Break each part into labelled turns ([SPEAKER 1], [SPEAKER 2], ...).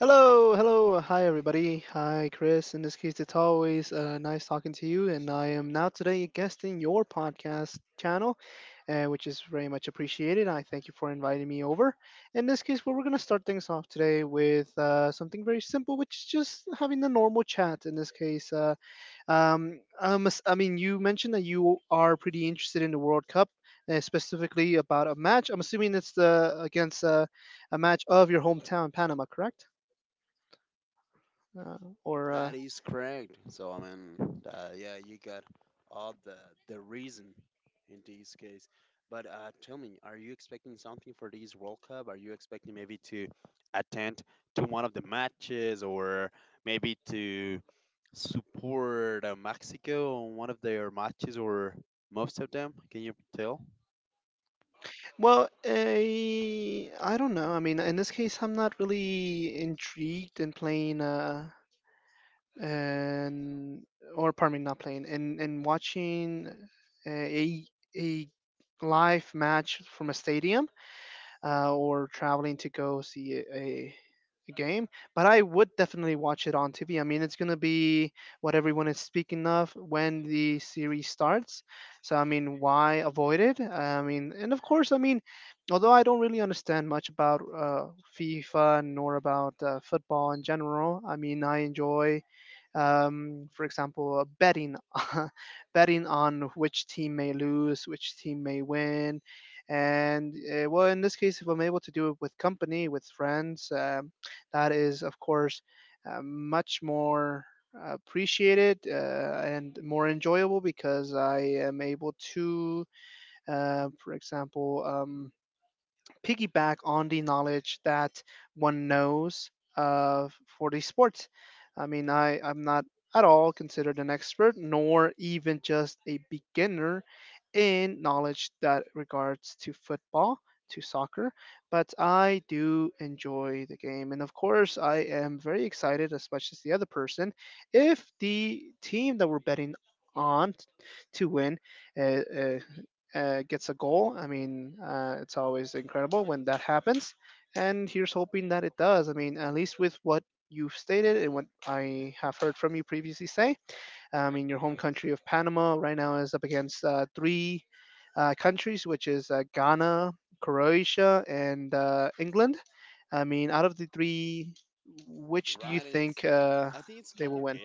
[SPEAKER 1] Hello, hello, hi everybody. Hi Chris. In this case, it's always nice talking to you, and I am now today a guest in your podcast channel, which is very much appreciated. I thank you for inviting me over. In this case, well, we're going to start things off today with something very simple, which is just having a normal chat. In this case, I mean, you mentioned that you are pretty interested in the World Cup, specifically about a match. I'm assuming it's the against a match of your hometown, Panama, correct? Uh, or well, I don't know. I mean, in this case, I'm not really intrigued in playing and or pardon me, not playing and watching a a live match from a stadium. Or traveling to go see a a game, but I would definitely watch it on TV. I mean, it's gonna be what everyone is speaking of when the series starts. So I mean, why avoid it? I mean, and of course, I mean, although I don't really understand much about FIFA nor about football in general, I mean, I enjoy for example, betting betting on which team may lose, which team may win, and well, in this case, if I'm able to do it with company, with friends, that is of course much more appreciated and more enjoyable because I am able to, for example. Piggyback on the knowledge that one knows for the sports. I mean, I'm not at all considered an expert, nor even just a beginner in knowledge that regards to football, to soccer, but I do enjoy the game. And of course, I am very excited, as much as the other person, if the team that we're betting on to win uh, uh, gets a goal. I mean, it's always incredible when that happens. And here's hoping that it does. I mean, at least with what you've stated and what I have heard from you previously say, in your home country of Panama. Right now is up against three countries, which is Ghana, Croatia, and England. I mean, out of the three, which do you think they will win?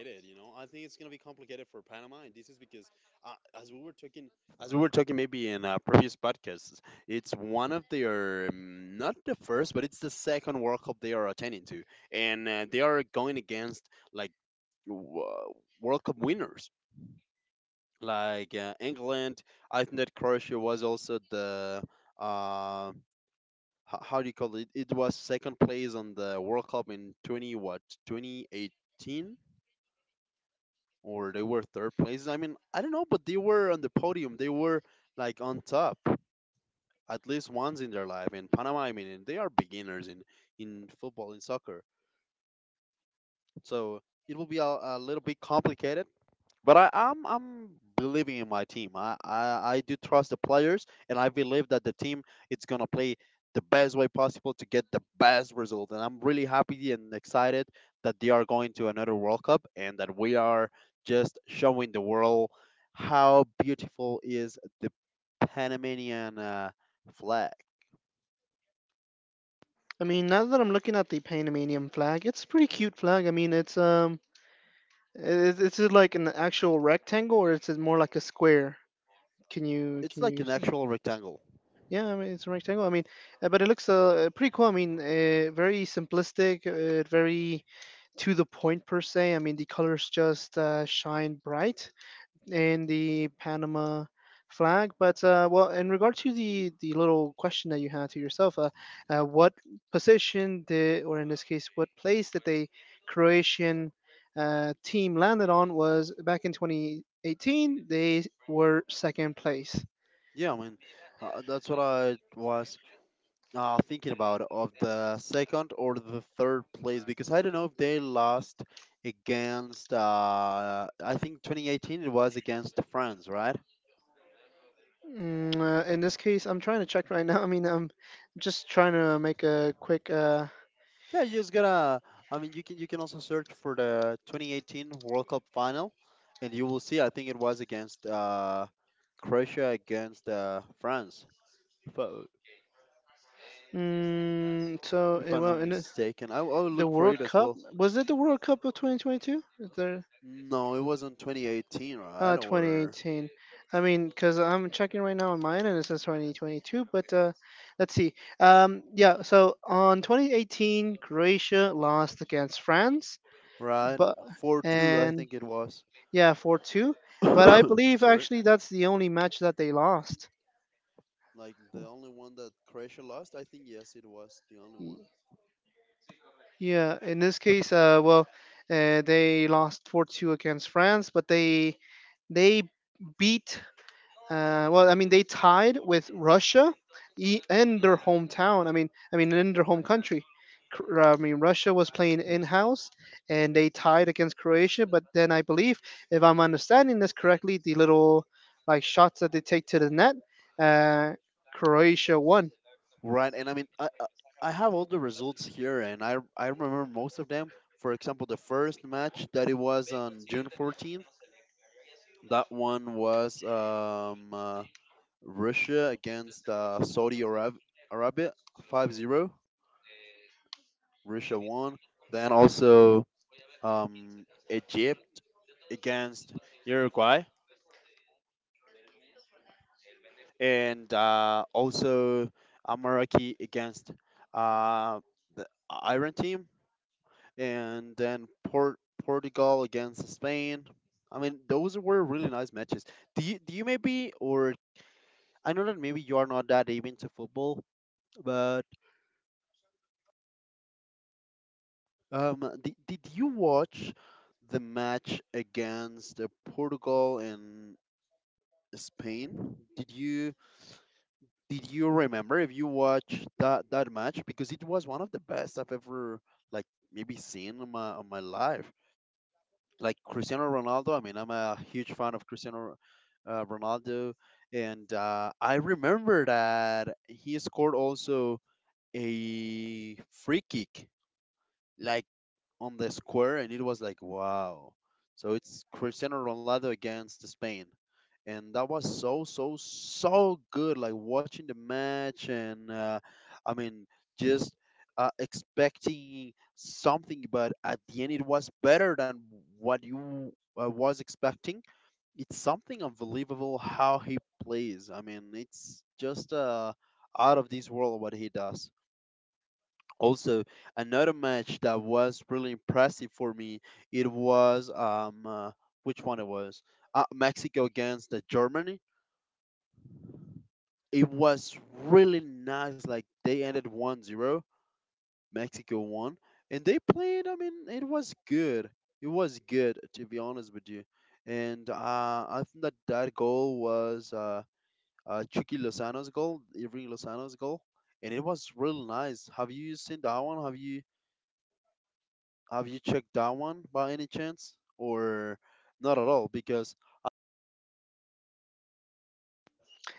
[SPEAKER 1] I mean, now that I'm looking at the Panamanian flag, it's a pretty cute flag. I mean, it's is it like an actual rectangle or is it more like a square? Can you can you? s- Yeah, I mean, it's a rectangle. I mean, but it looks pretty cool. I mean, very simplistic, very to the point per se. I mean, the colors just shine bright in the Panama flag. But well, in regard to the little question that you had to yourself, what position did, or in this case, what place that the Croatian team landed on was back in 2018. They were second place. In this case, I'm trying to check right now. I mean, I'm just trying to make a quick. Mm, so, well, in the World Cup was it the World Cup of 2022? Is there? 2018. I mean, because I'm checking right now on mine and it says 2022, but let's see. Yeah, so on 2018, Croatia lost against France, but and yeah, 4-2. But I believe actually that's the only match that they lost. Y- Yeah, in this case, well, they lost 4-2 against France, but they beat well, I mean, they tied with Russia in their hometown. I mean, in their home country. I mean, Russia was playing in house, and they tied against Croatia. But then I believe, if I'm understanding this correctly, the little like shots that they take to the net, uh, Croatia won.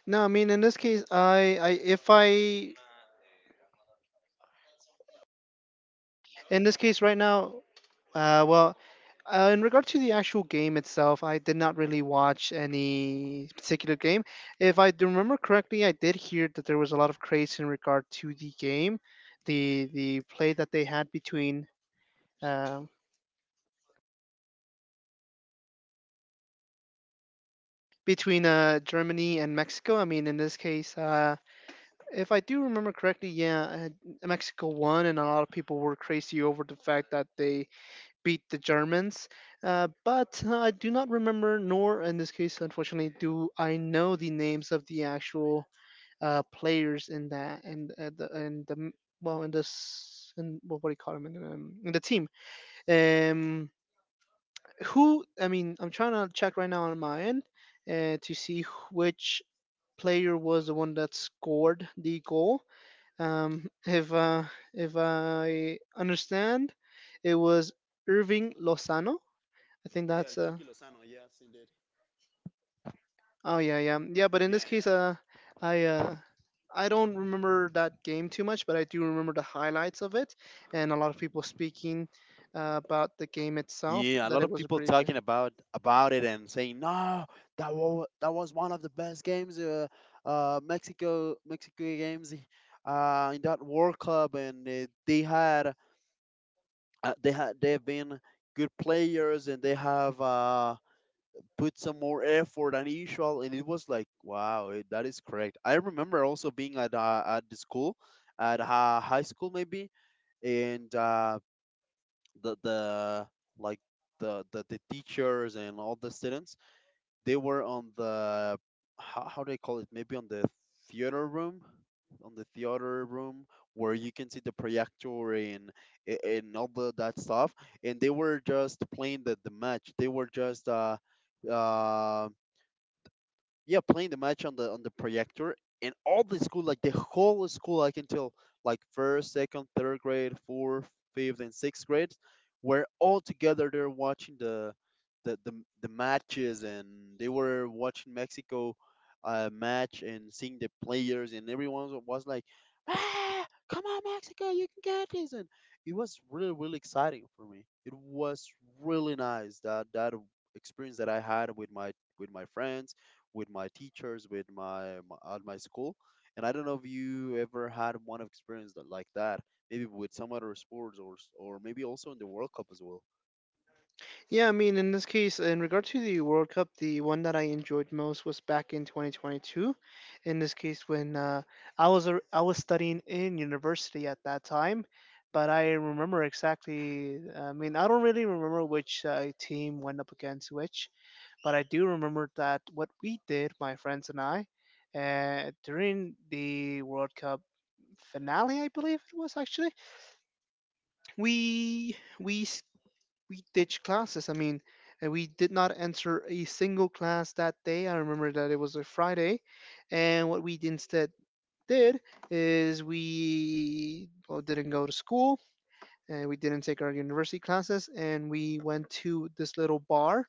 [SPEAKER 1] No, I mean, in this case, I if I in this case right now, well, in regard to the actual game itself, I did not really watch any particular game. If I do remember correctly, I did hear that there was a lot of craze in regard to the game, the play that they had between uh, Germany and Mexico. I mean, in this case, if I do remember correctly, yeah, Mexico won, and a lot of people were crazy over the fact that they beat the Germans. But I do not remember, nor in this case, unfortunately, do I know the names of the actual players in that and well in this in what do you call them in the team. Um, who I mean, I'm trying to check right now on my end to see which player was the one that scored the goal. Um, if uh, if I understand, it was Irving Lozano. I think
[SPEAKER 2] Yeah,
[SPEAKER 1] that's
[SPEAKER 2] El Chucky Lozano. Yes, indeed.
[SPEAKER 1] oh yeah, yeah. But in
[SPEAKER 2] Yeah,
[SPEAKER 1] this case,
[SPEAKER 2] yeah.
[SPEAKER 1] I uh, I don't remember that game too much, but I do remember the highlights of it and a lot of people speaking about the game itself.
[SPEAKER 2] Yeah, a
[SPEAKER 1] That
[SPEAKER 2] lot
[SPEAKER 1] it
[SPEAKER 2] of
[SPEAKER 1] was a
[SPEAKER 2] people
[SPEAKER 1] pretty good.
[SPEAKER 2] talking about it and saying, "No, that was one of the best games, Mexico games, in that World Cup, and they've been good players, and they have put some more effort than usual." And it was like, "Wow, that is correct." I remember also being at the school, at high school maybe, and the the like the teachers and all the students. They were on the, how do I call it, maybe on the theater room, on the theater room where you can see the projector, and and all that stuff. And they were just playing the match. They were just um yeah, playing the match on the projector. And all the school, like the whole school, I can tell, like first, second, third grade, fourth, fifth and sixth grade, were all together there watching the the, the matches. And they were watching Mexico, match, and seeing the players, and everyone was like, "Ah, come on, Mexico, you can get this!" And it was really really exciting for me. It was really nice, that that experience that I had with my friends, with my teachers, with my, my at my school. And I don't know if you ever had one experience like that, maybe with some other sports, or maybe also in the World Cup as well.
[SPEAKER 1] Yeah, I mean in this case, in regard to the World Cup, the one that I enjoyed most was back in 2022. In this case, when I was I was studying in university at that time. But I remember exactly. I mean, I don't really remember which team went up against which, but I do remember that what we did, my friends and I, during the World Cup finale, I believe it was actually, we we s- we ditched classes. I mean, we did not enter a single class that day. I remember that it was a Friday, and what we instead did is we, well, didn't go to school and we didn't take our university classes and we went to this little bar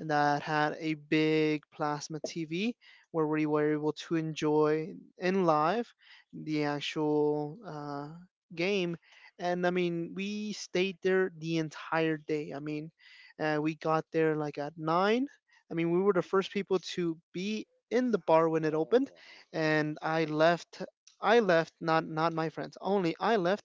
[SPEAKER 1] that had a big plasma TV where we were able to enjoy in live the actual game. And I mean, we stayed there the entire day. I mean, we got there like at nine. I mean, we were the first people to be in the bar when it
[SPEAKER 2] Oh,
[SPEAKER 1] opened, and I left. I left, not my friends. Only I left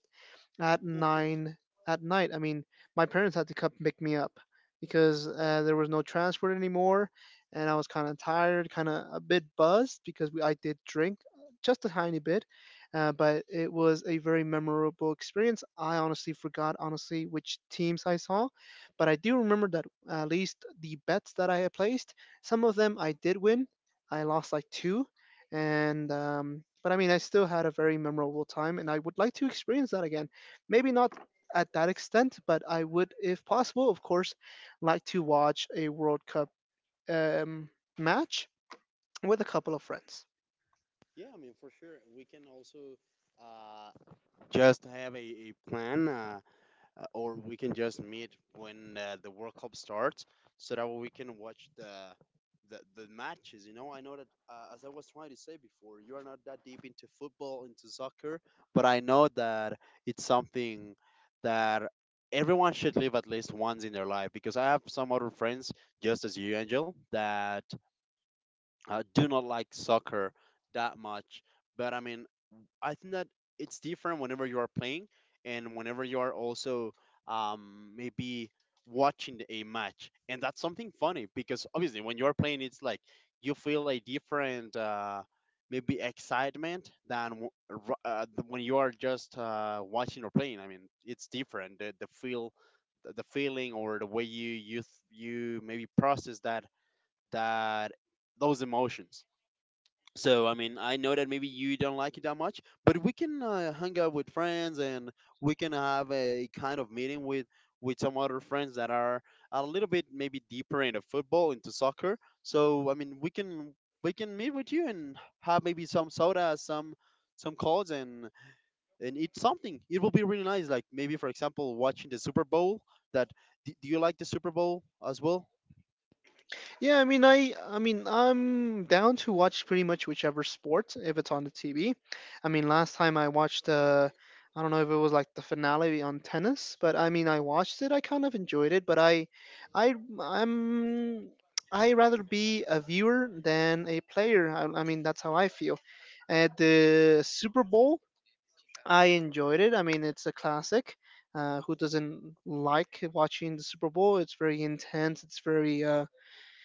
[SPEAKER 1] at
[SPEAKER 2] wow.
[SPEAKER 1] nine at night. I mean, my parents had to come pick me up because there was no transport anymore, and I was kind of tired, kind of a bit buzzed because I did drink just a tiny bit, but it was a very memorable experience. I honestly forgot honestly which teams I saw, but I do remember that at least the bets that I had placed. Some of them I did win. I lost like two, and but I mean I still had a very memorable time, and I would like to experience that again. Maybe not at that extent, but I would, if possible, of course, like to watch a World Cup um, match with a couple of friends.
[SPEAKER 2] Yeah, I mean, for sure. We can also uh, just have a plan. Or we can just meet when the World Cup starts, so that we can watch the matches. I know that as I was trying to say before, you are not that deep into football, into soccer, but I know that it's something that everyone should live at least once in their life. Because I have some other friends, just as you, Angel, that do not like soccer that much. But I mean, I think that it's different whenever you are playing and whenever you are also maybe watching a match, and that's something funny because obviously when you are playing, it's like you feel a different maybe excitement than when you are just watching or playing. I mean, it's different the feel, the feeling, or the way you you maybe process that that those emotions. So I mean, I know that maybe you don't like it that much, but we can hang out with friends, and we can have a kind of meeting with some other friends that are a little bit maybe deeper into football, into soccer. So I mean, we can meet with you and have maybe some soda, some calls and eat something. It will be really nice. Like maybe for example, watching the Super Bowl. That do you like the Super Bowl as well?
[SPEAKER 1] Yeah, I mean, I mean, I'm down to watch pretty much whichever sport if it's on the TV. I mean, last time I watched, I don't know if it was like the finale on tennis, but I mean, I watched it. I kind of enjoyed it, but I, I'm, I rather be a viewer than a player. I mean, that's how I feel. At the Super Bowl, I enjoyed it. I mean, it's a classic. Who doesn't like watching the Super Bowl? It's very intense. It's very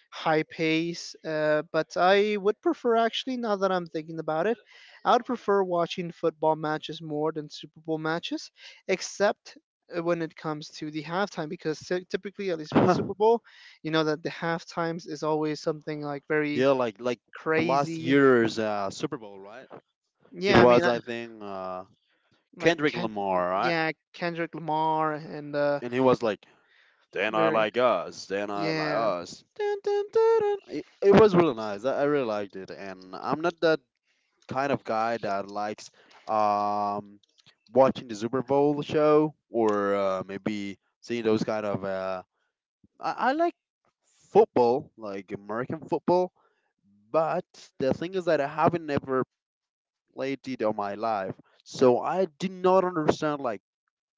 [SPEAKER 1] high pace. But I would prefer, actually, now that I'm thinking about it, I would prefer watching football matches more than Super Bowl matches, except when it comes to the halftime, because typically, at least with Super Bowl, you know that the halftimes is always something like very
[SPEAKER 2] Yeah, like last
[SPEAKER 1] crazy.
[SPEAKER 2] year's Super Bowl, right? It
[SPEAKER 1] Yeah, I mean,
[SPEAKER 2] was, I think,
[SPEAKER 1] like
[SPEAKER 2] Kendrick Lamar, right?
[SPEAKER 1] Yeah, Kendrick Lamar and
[SPEAKER 2] And he was like, "Then I
[SPEAKER 1] very.
[SPEAKER 2] like us, then I like
[SPEAKER 1] Yeah.
[SPEAKER 2] us." Dun, dun, dun, dun. It was really nice. I really liked it, and I'm not that kind of guy that likes um, watching the Super Bowl show, or maybe seeing those kind of. I like football, like American football, but the thing is that I haven't never played it all my life, so I do not understand, like,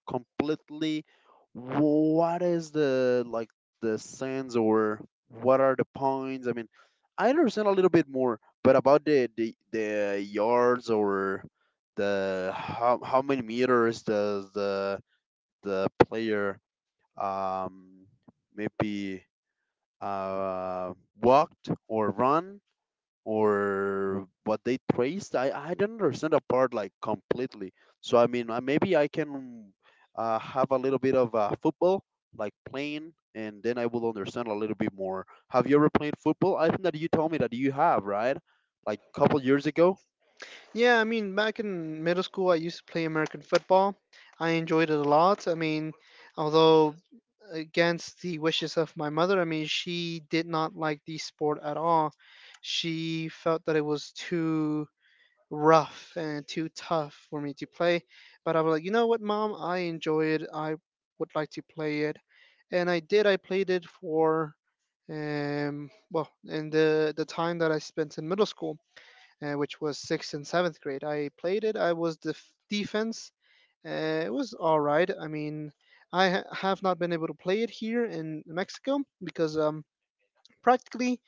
[SPEAKER 2] completely what is the sense, or what are the points. I mean, I understand a little bit more, but about the yards, or the how many meters does the player um maybe uh walked or run, or what they traced. I do not understand the part, like, completely. So I mean, maybe I can have a little bit of football, like, playing, and then I will understand a little bit more. Have you ever played football? I think that you told me that you have, right? Like a couple years ago.
[SPEAKER 1] Yeah, I mean, back in middle school, I used to play American football. I enjoyed it a lot. I mean, although against the wishes of my mother, I mean, she did not like the sport at all. She felt that it was too rough and too tough for me to play. But I was like, you know what, mom? I enjoy it. I would like to play it. And I did. I played it for, well, in the time that I spent in middle school, which was sixth and seventh grade. I played it. I was the defense. It was all right. I mean, have not been able to play it here in Mexico because practically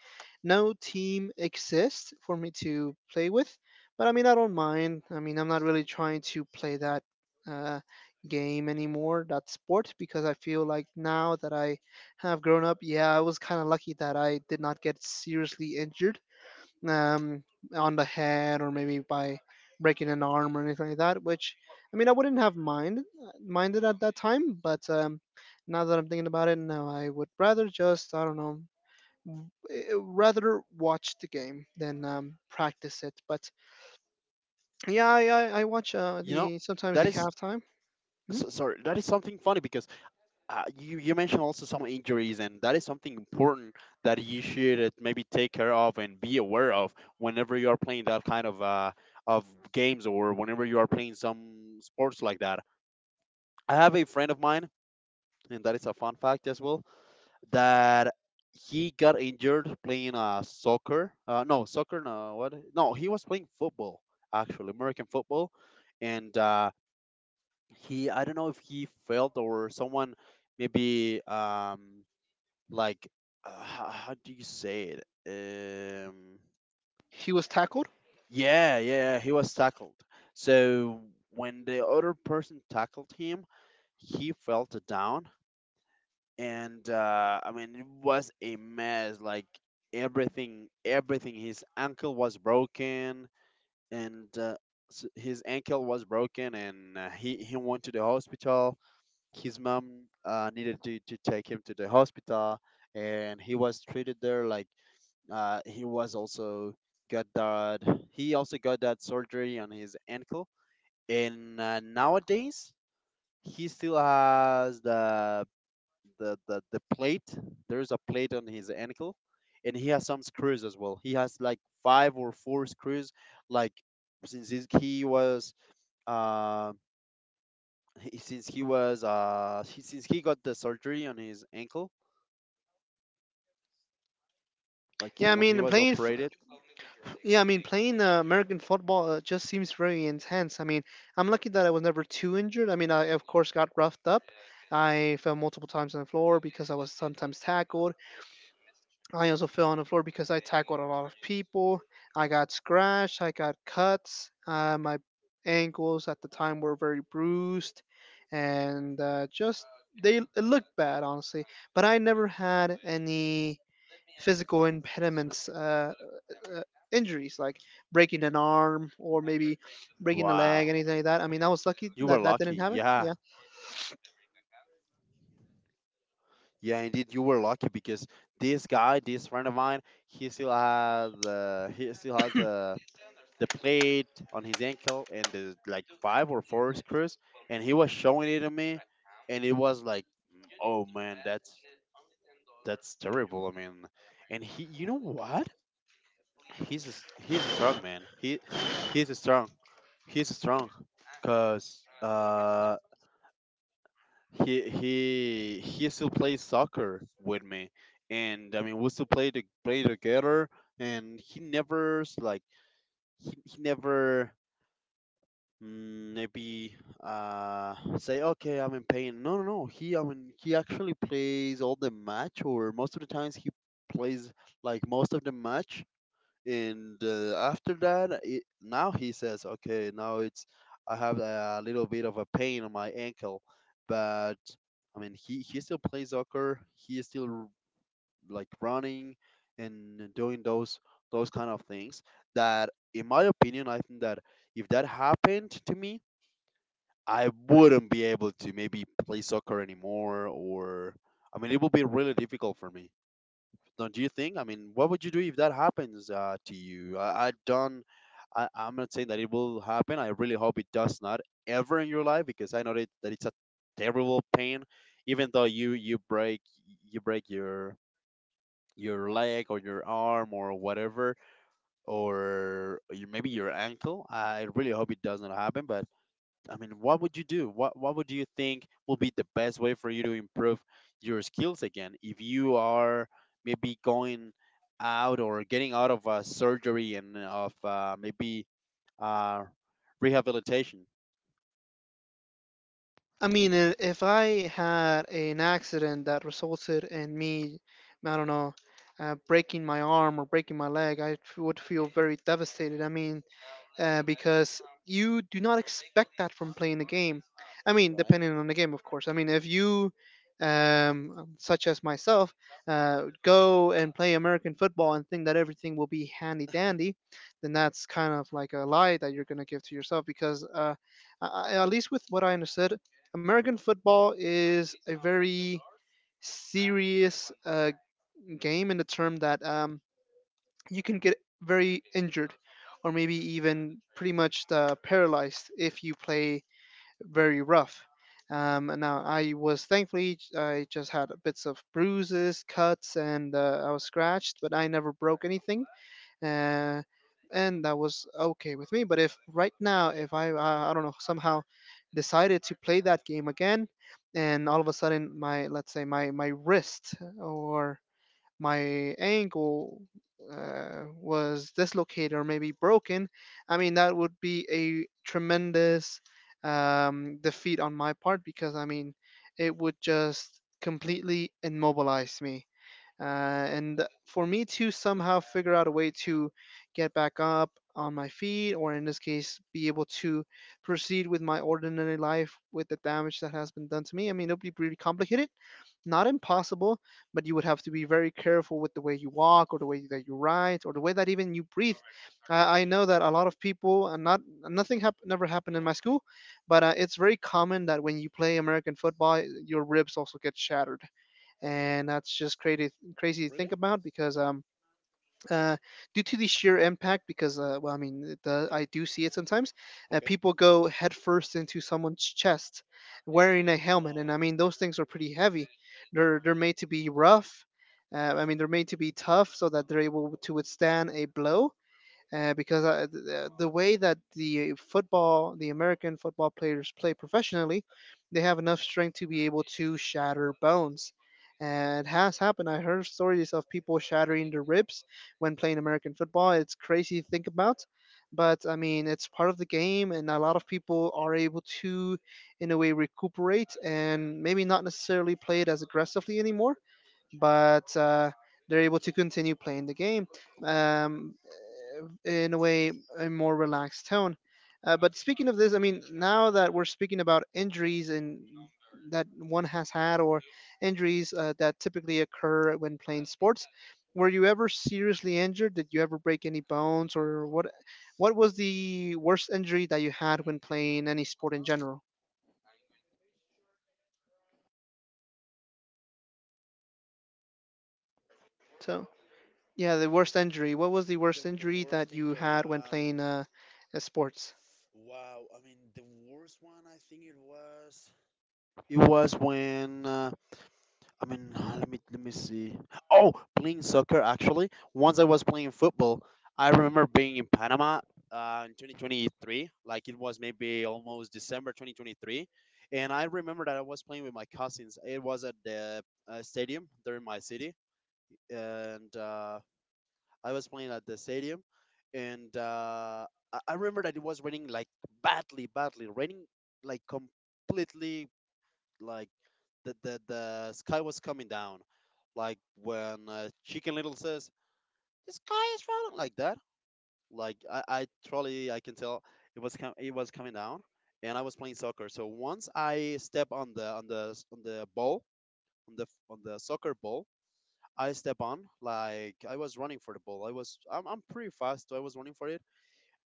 [SPEAKER 1] no team exists for me to play with. But I mean, I don't mind. I mean, I'm not really trying to play that uh, game anymore, that sport, because I feel like now that I have grown up, yeah, I was kind of lucky that I did not get seriously injured, um, on the head or maybe by breaking an arm or anything like that. Which, I mean, I wouldn't have minded at that time, but now that I'm thinking about it, no, I would rather just, I don't know, rather watch the game than practice it. But yeah, I watch
[SPEAKER 2] You know,
[SPEAKER 1] the sometimes
[SPEAKER 2] that
[SPEAKER 1] the
[SPEAKER 2] is
[SPEAKER 1] halftime. Mhm.
[SPEAKER 2] sorry, that is something funny because you mentioned also some injuries, and that is something important that you should maybe take care of and be aware of whenever you are playing that kind of games, or whenever you are playing some sports like that. I have a friend of mine, and that is a fun fact as well, that he got injured playing soccer. No, soccer, no, what? No, he was playing football, actually, American football. And he, I don't know if he failed or someone, maybe. Like, how do you say it?
[SPEAKER 1] He was tackled.
[SPEAKER 2] Yeah, yeah, he was tackled. So when the other person tackled him, he fell to down, and I mean it was a mess. Like, everything, everything. His ankle was broken, and his ankle was broken, and he went to the hospital. His mom needed to take him to the hospital, and he was treated there, like, Uh, he was also got that he also got that surgery on his ankle, and nowadays he still has the plate. There's a plate on his ankle, and he has some screws as well. He has like five or four screws, like since he's- he was uh, since he got the surgery on his ankle, like
[SPEAKER 1] Yeah, I
[SPEAKER 2] when he
[SPEAKER 1] mean,
[SPEAKER 2] was
[SPEAKER 1] playing
[SPEAKER 2] operated.
[SPEAKER 1] Yeah, I mean, playing American football just seems very intense. I mean, I'm lucky that I was never too injured. I mean, I, of course, got roughed up. I fell multiple times on the floor because I was sometimes tackled. I also fell on the floor because I tackled a lot of people. I got scratched, I got cuts. My ankles at the time were very bruised, and just they it looked bad, honestly. But I never had any physical impediments,
[SPEAKER 2] Surgery.
[SPEAKER 1] uh, injuries like breaking an arm or maybe breaking a leg,
[SPEAKER 2] Wow,
[SPEAKER 1] anything like that. I mean, I was lucky
[SPEAKER 2] you were
[SPEAKER 1] that that didn't
[SPEAKER 2] lucky.
[SPEAKER 1] happen.
[SPEAKER 2] Yeah.
[SPEAKER 1] Yeah.
[SPEAKER 2] Yeah, indeed, you were lucky because this guy, this friend of mine, he still has the he still has the plate on his ankle, and the like five or four screws, and he was showing it to me, and it was like, oh man, that's terrible. I mean, and he, you know what? He's a strong man. He's a strong, he's a strong, cause he still plays soccer with me, and I mean we still play to play together, and he never like he never maybe say, okay, I'm in pain. No, no, no. He, I mean, he actually plays all the match, or most of the times he plays, like, most of the match. And After that, now he says, okay, now it's I have a little bit of a pain on my ankle. But I mean, he still plays soccer. He is still like running and doing those kind of things that, in my opinion, I think that if that happened to me, I wouldn't be able to maybe play soccer anymore, or I mean it would be really difficult for me. Don't you think? I mean, what would you do if that happens to you? I don't. I'm not saying that it will happen. I really hope it does not, ever in your life, because I know that, that it's a terrible pain. Even though you break your leg, or your arm, or whatever, or you, maybe your ankle. I really hope it does not happen. But I mean, what would you do? What would you think will be the best way for you to improve your skills again, if you are maybe going out, or getting out of surgery, and of maybe uh, rehabilitation?
[SPEAKER 1] I mean, if I had an accident that resulted in me, I don't know, breaking my arm or breaking my leg, I would feel very devastated. I mean, because you do not expect that from playing the game. I mean,
[SPEAKER 2] Right.
[SPEAKER 1] depending on the game, of course. I mean, if you, such as myself, go and play American football and think that everything will be handy dandy, then that's kind of like a lie that you're going to give to yourself because, at least with what I understood, American football is a very serious game in the term that you can get very injured or maybe even pretty much paralyzed if you play very rough. And now I was thankfully I just had bits of bruises, cuts, and I was scratched, but I never broke anything, uh, and that was okay with me. But if right now, if I don't know, somehow decided to play that game again, and all of a sudden my, let's say my wrist or my ankle was dislocated or maybe broken, I mean that would be a tremendous defeat on my part because I mean it would just completely immobilize me, and for me to somehow figure out a way to get back up on my feet, or in this case, be able to proceed with my ordinary life with the damage that has been done to me, I mean, it would be pretty complicated. Not impossible, but you would have to be very careful with the way you walk, or the way that you ride, or the way that even you breathe. I know that a lot of people, and not nothing hap- never happened in my school, but it's very common that when you play American football, your ribs also get shattered, and that's just crazy to
[SPEAKER 2] Really?
[SPEAKER 1] think about because uh due to the sheer impact. Because well, I mean it does,
[SPEAKER 2] Okay.
[SPEAKER 1] I do see it sometimes,
[SPEAKER 2] Okay.
[SPEAKER 1] people go headfirst into someone's chest wearing a helmet, and I mean those things are pretty heavy. They're made to be rough. I mean they're made to be tough so that they're able to withstand a blow, because the way that the American football players play professionally, they have enough strength to be able to shatter bones. And it has happened. I heard stories of people shattering their ribs when playing American football. It's crazy to think about, but I mean, it's part of the game, and a lot of people are able to, in a way, recuperate and maybe not necessarily play it as aggressively anymore, but they're able to continue playing the game, um, in a way, a more relaxed tone. But speaking of this, I mean, now that we're speaking about injuries and that one has had, or injuries that typically occur when playing sports, were you ever seriously injured? Did you ever break any bones, or what? What was the worst injury that you had when playing any sport in general? So. Yeah, the worst injury. What was the worst
[SPEAKER 2] The
[SPEAKER 1] injury that
[SPEAKER 2] worst
[SPEAKER 1] you
[SPEAKER 2] injury.
[SPEAKER 1] had when playing sports?
[SPEAKER 2] Wow. I mean, the worst one. I think it was. It was when I mean, let me see. Oh, playing soccer actually. Once I was playing football, I remember being in Panama in 2023. Like it was maybe almost December 2023, and I remember that I was playing with my cousins. It was at the stadium there in my city, and I was playing at the stadium, and I remember that it was raining like badly, badly, raining, like completely, like the sky was coming down, like when Chicken Little says the sky is falling, like that. Like, I totally, I can tell it was coming down, and I was playing soccer. So once I step on the ball, on the soccer ball, I step on, like, I was running for the ball. I was I'm pretty fast, so I was running for it,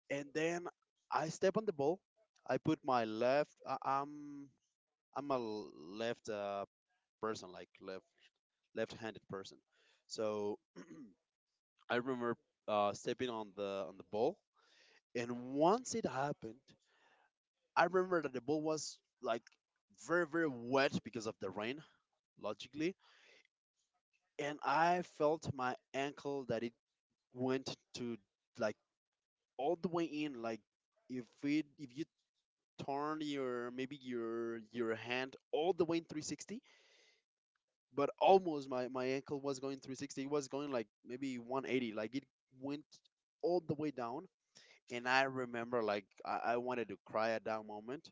[SPEAKER 2] and then I step on the ball. I put my left. I'm a left person, like, left-handed person. So I remember stepping on the ball, and once it happened, I remember that the ball was like very very wet because of the rain, logically, and I felt my ankle that it went to, like, all the way in, like if you turn your, maybe your hand all the way in 360, but almost my ankle was going 360. It was going like maybe 180, like it went all the way down. And I remember, like, I wanted to cry at that moment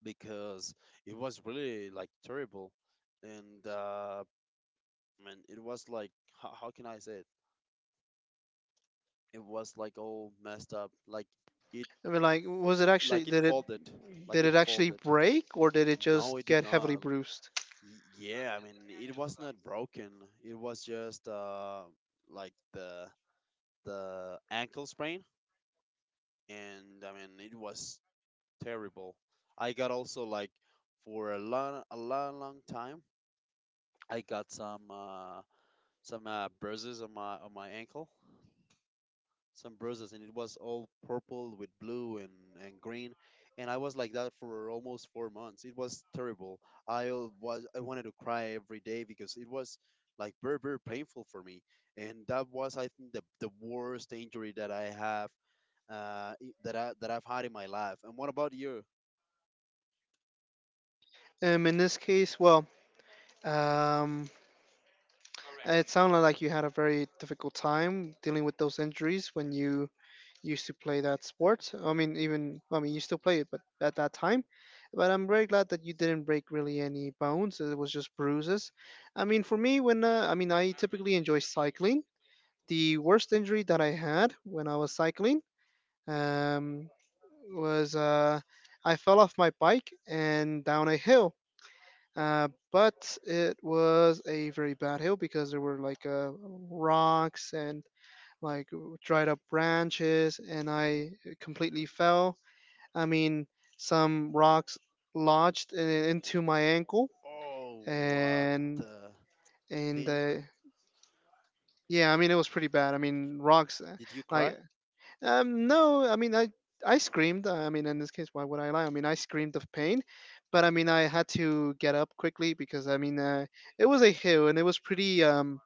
[SPEAKER 2] because it was really like terrible, and man, it was like, how can I say it? It was like all messed up, like it
[SPEAKER 1] I mean, like, was it
[SPEAKER 2] like
[SPEAKER 1] actually
[SPEAKER 2] it folded, like
[SPEAKER 1] did
[SPEAKER 2] it
[SPEAKER 1] it actually
[SPEAKER 2] folded.
[SPEAKER 1] break or did it
[SPEAKER 2] No, it
[SPEAKER 1] just
[SPEAKER 2] did
[SPEAKER 1] get heavily
[SPEAKER 2] not.
[SPEAKER 1] bruised?
[SPEAKER 2] Y- yeah, I mean it was not broken. It was just like the ankle sprain, and I mean it was terrible. I got also, like, for a long, long time. I got some bruises on my ankle, some bruises, and it was all purple with blue and green, and I was like that for almost 4 months. It was terrible. I al- was I wanted to cry every day because it was, like, very very painful for me, and that was, I think, the worst injury that I have, I- that I that I've had in my life. And what about you?
[SPEAKER 1] In this case, well, um, it sounded like you had a very difficult time dealing with those injuries when you used to play that sport. I mean, even, I mean, you still play it, but at that time. But I'm very glad that you didn't break really any bones. It was just bruises. I mean, for me, when I mean, I typically enjoy cycling. The worst injury that I had when I was cycling, um, was, I fell off my bike and down a hill. But it was a very bad hill because there were like rocks and like dried up branches, and I completely fell. I mean, some rocks lodged into my ankle,
[SPEAKER 2] Oh, what
[SPEAKER 1] and
[SPEAKER 2] the
[SPEAKER 1] and
[SPEAKER 2] thing?
[SPEAKER 1] uh, yeah, I mean it was pretty bad. I mean, rocks
[SPEAKER 2] Did you
[SPEAKER 1] like
[SPEAKER 2] cry?
[SPEAKER 1] No, I mean, I screamed. I mean, in this case, why would I lie? I mean, I screamed of pain, but I mean, I had to get up quickly because I mean, it was a hill and it was pretty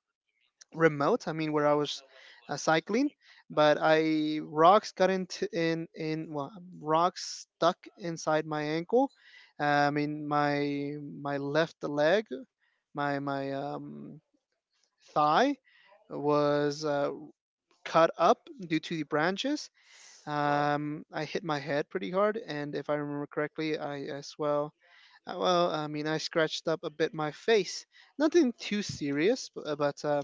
[SPEAKER 1] remote. I mean, where I was cycling, but I rocks got into in well, rocks stuck inside my ankle. I mean, my left leg, my thigh was, cut up due to the branches.
[SPEAKER 2] Wow.
[SPEAKER 1] I hit my head pretty hard, and if I remember correctly, I as well. Well, I mean, I scratched up a bit my face. Nothing too serious,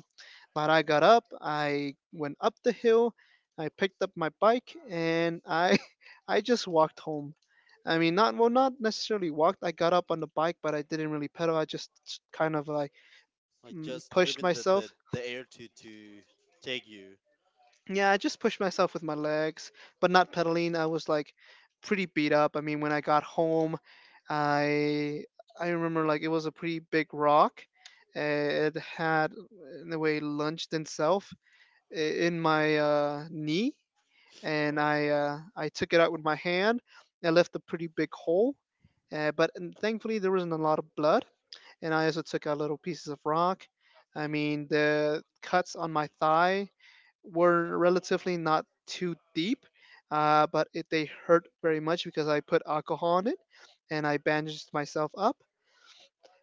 [SPEAKER 1] but I got up. I went up the hill. I picked up my bike, and I I just walked home. I mean, not, well, not necessarily walked. I got up on the bike, but I didn't really pedal. I just kind of like
[SPEAKER 2] Like just
[SPEAKER 1] pushed
[SPEAKER 2] leaving the,
[SPEAKER 1] myself.
[SPEAKER 2] the, the air to take you.
[SPEAKER 1] Yeah, I just pushed myself with my legs, but not pedaling. I was like pretty beat up. I mean, when I got home, I I remember like it was a pretty big rock. It had in a way lunged itself i- in my knee, and
[SPEAKER 2] Oh,
[SPEAKER 1] I, I took it out with my hand. I left a pretty big hole, but and thankfully there wasn't a lot of blood. And I also took out little pieces of rock. I mean, the cuts on my thigh were relatively not too deep, but it, they hurt very much because I put alcohol on it and I bandaged myself up.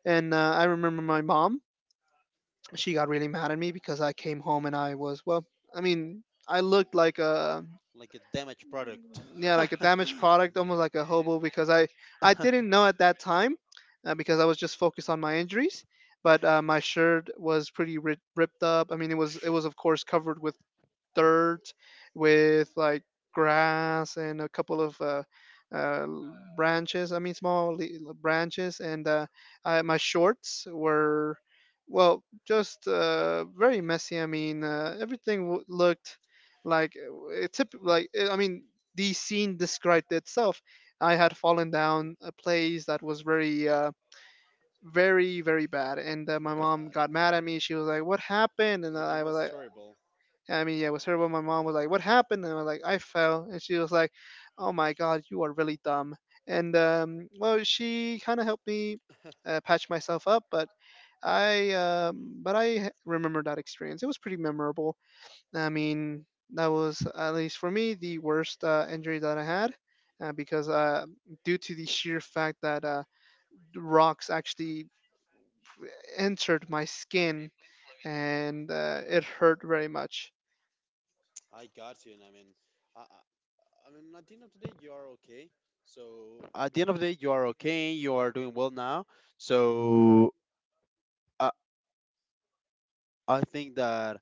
[SPEAKER 1] And I remember my mom, she got really mad at me because I came home and I was, well, I mean, I looked like a—
[SPEAKER 2] like a damaged product.
[SPEAKER 1] yeah, like a damaged product, almost like a hobo because I didn't know at that time, because I was just focused on my injuries. But my shirt was pretty ripped up. I mean, it was, it was of course covered with dirt, with like grass and a couple of uh, branches. I mean, small branches, and I, my shorts were, well, just very messy. I mean, everything looked like it tip like I mean, the scene described itself. I had fallen down a place that was very. Very very bad, and my mom
[SPEAKER 2] Got it.
[SPEAKER 1] got mad at me. She was like, what happened, and
[SPEAKER 2] Like, it
[SPEAKER 1] I was
[SPEAKER 2] was
[SPEAKER 1] like—
[SPEAKER 2] terrible.
[SPEAKER 1] I mean, yeah, it was terrible. My mom was like, "What happened?" And I was like, "I fell," and she was like, "Oh my God, you are really dumb." And well, she kind of helped me patch myself up, but I remember that experience. It was pretty memorable. I mean, that was at least for me the worst injury that I had. Because due to the sheer fact that the rocks actually entered my skin, and it hurt very much.
[SPEAKER 2] I got you, and I mean, I, I at the end of the day, you are okay. So at the end of the day, you are okay. You are doing well now. So I, I think that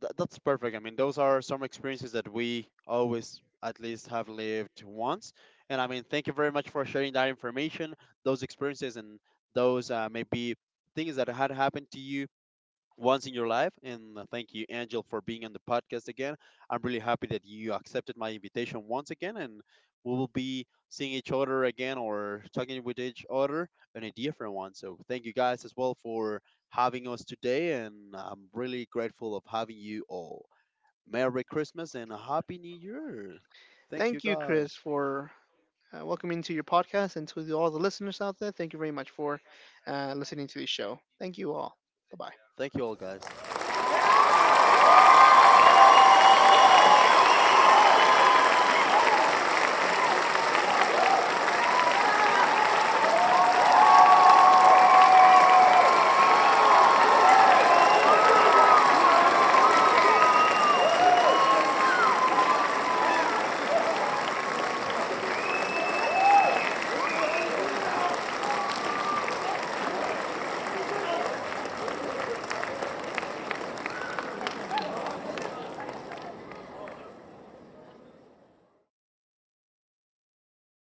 [SPEAKER 2] Th- that's perfect. I mean, those are some experiences that we always at least have lived once. And I mean, thank you very much for sharing that information, those experiences, and those maybe things that had happened to you once in your life. And thank you, Angel, for being on the podcast again. I'm really happy that you accepted my invitation once again, and we will be seeing each other again, or talking with each other in a different one. So thank you guys as well for having us today, and I'm really grateful of having you all. Merry Christmas and a Happy New Year! Thank you
[SPEAKER 1] Thank you, Chris,
[SPEAKER 2] guys.
[SPEAKER 1] for welcoming to your podcast and to all the listeners out there. Thank you very much for listening to this show. Thank you all. Bye bye.
[SPEAKER 2] Thank you all guys.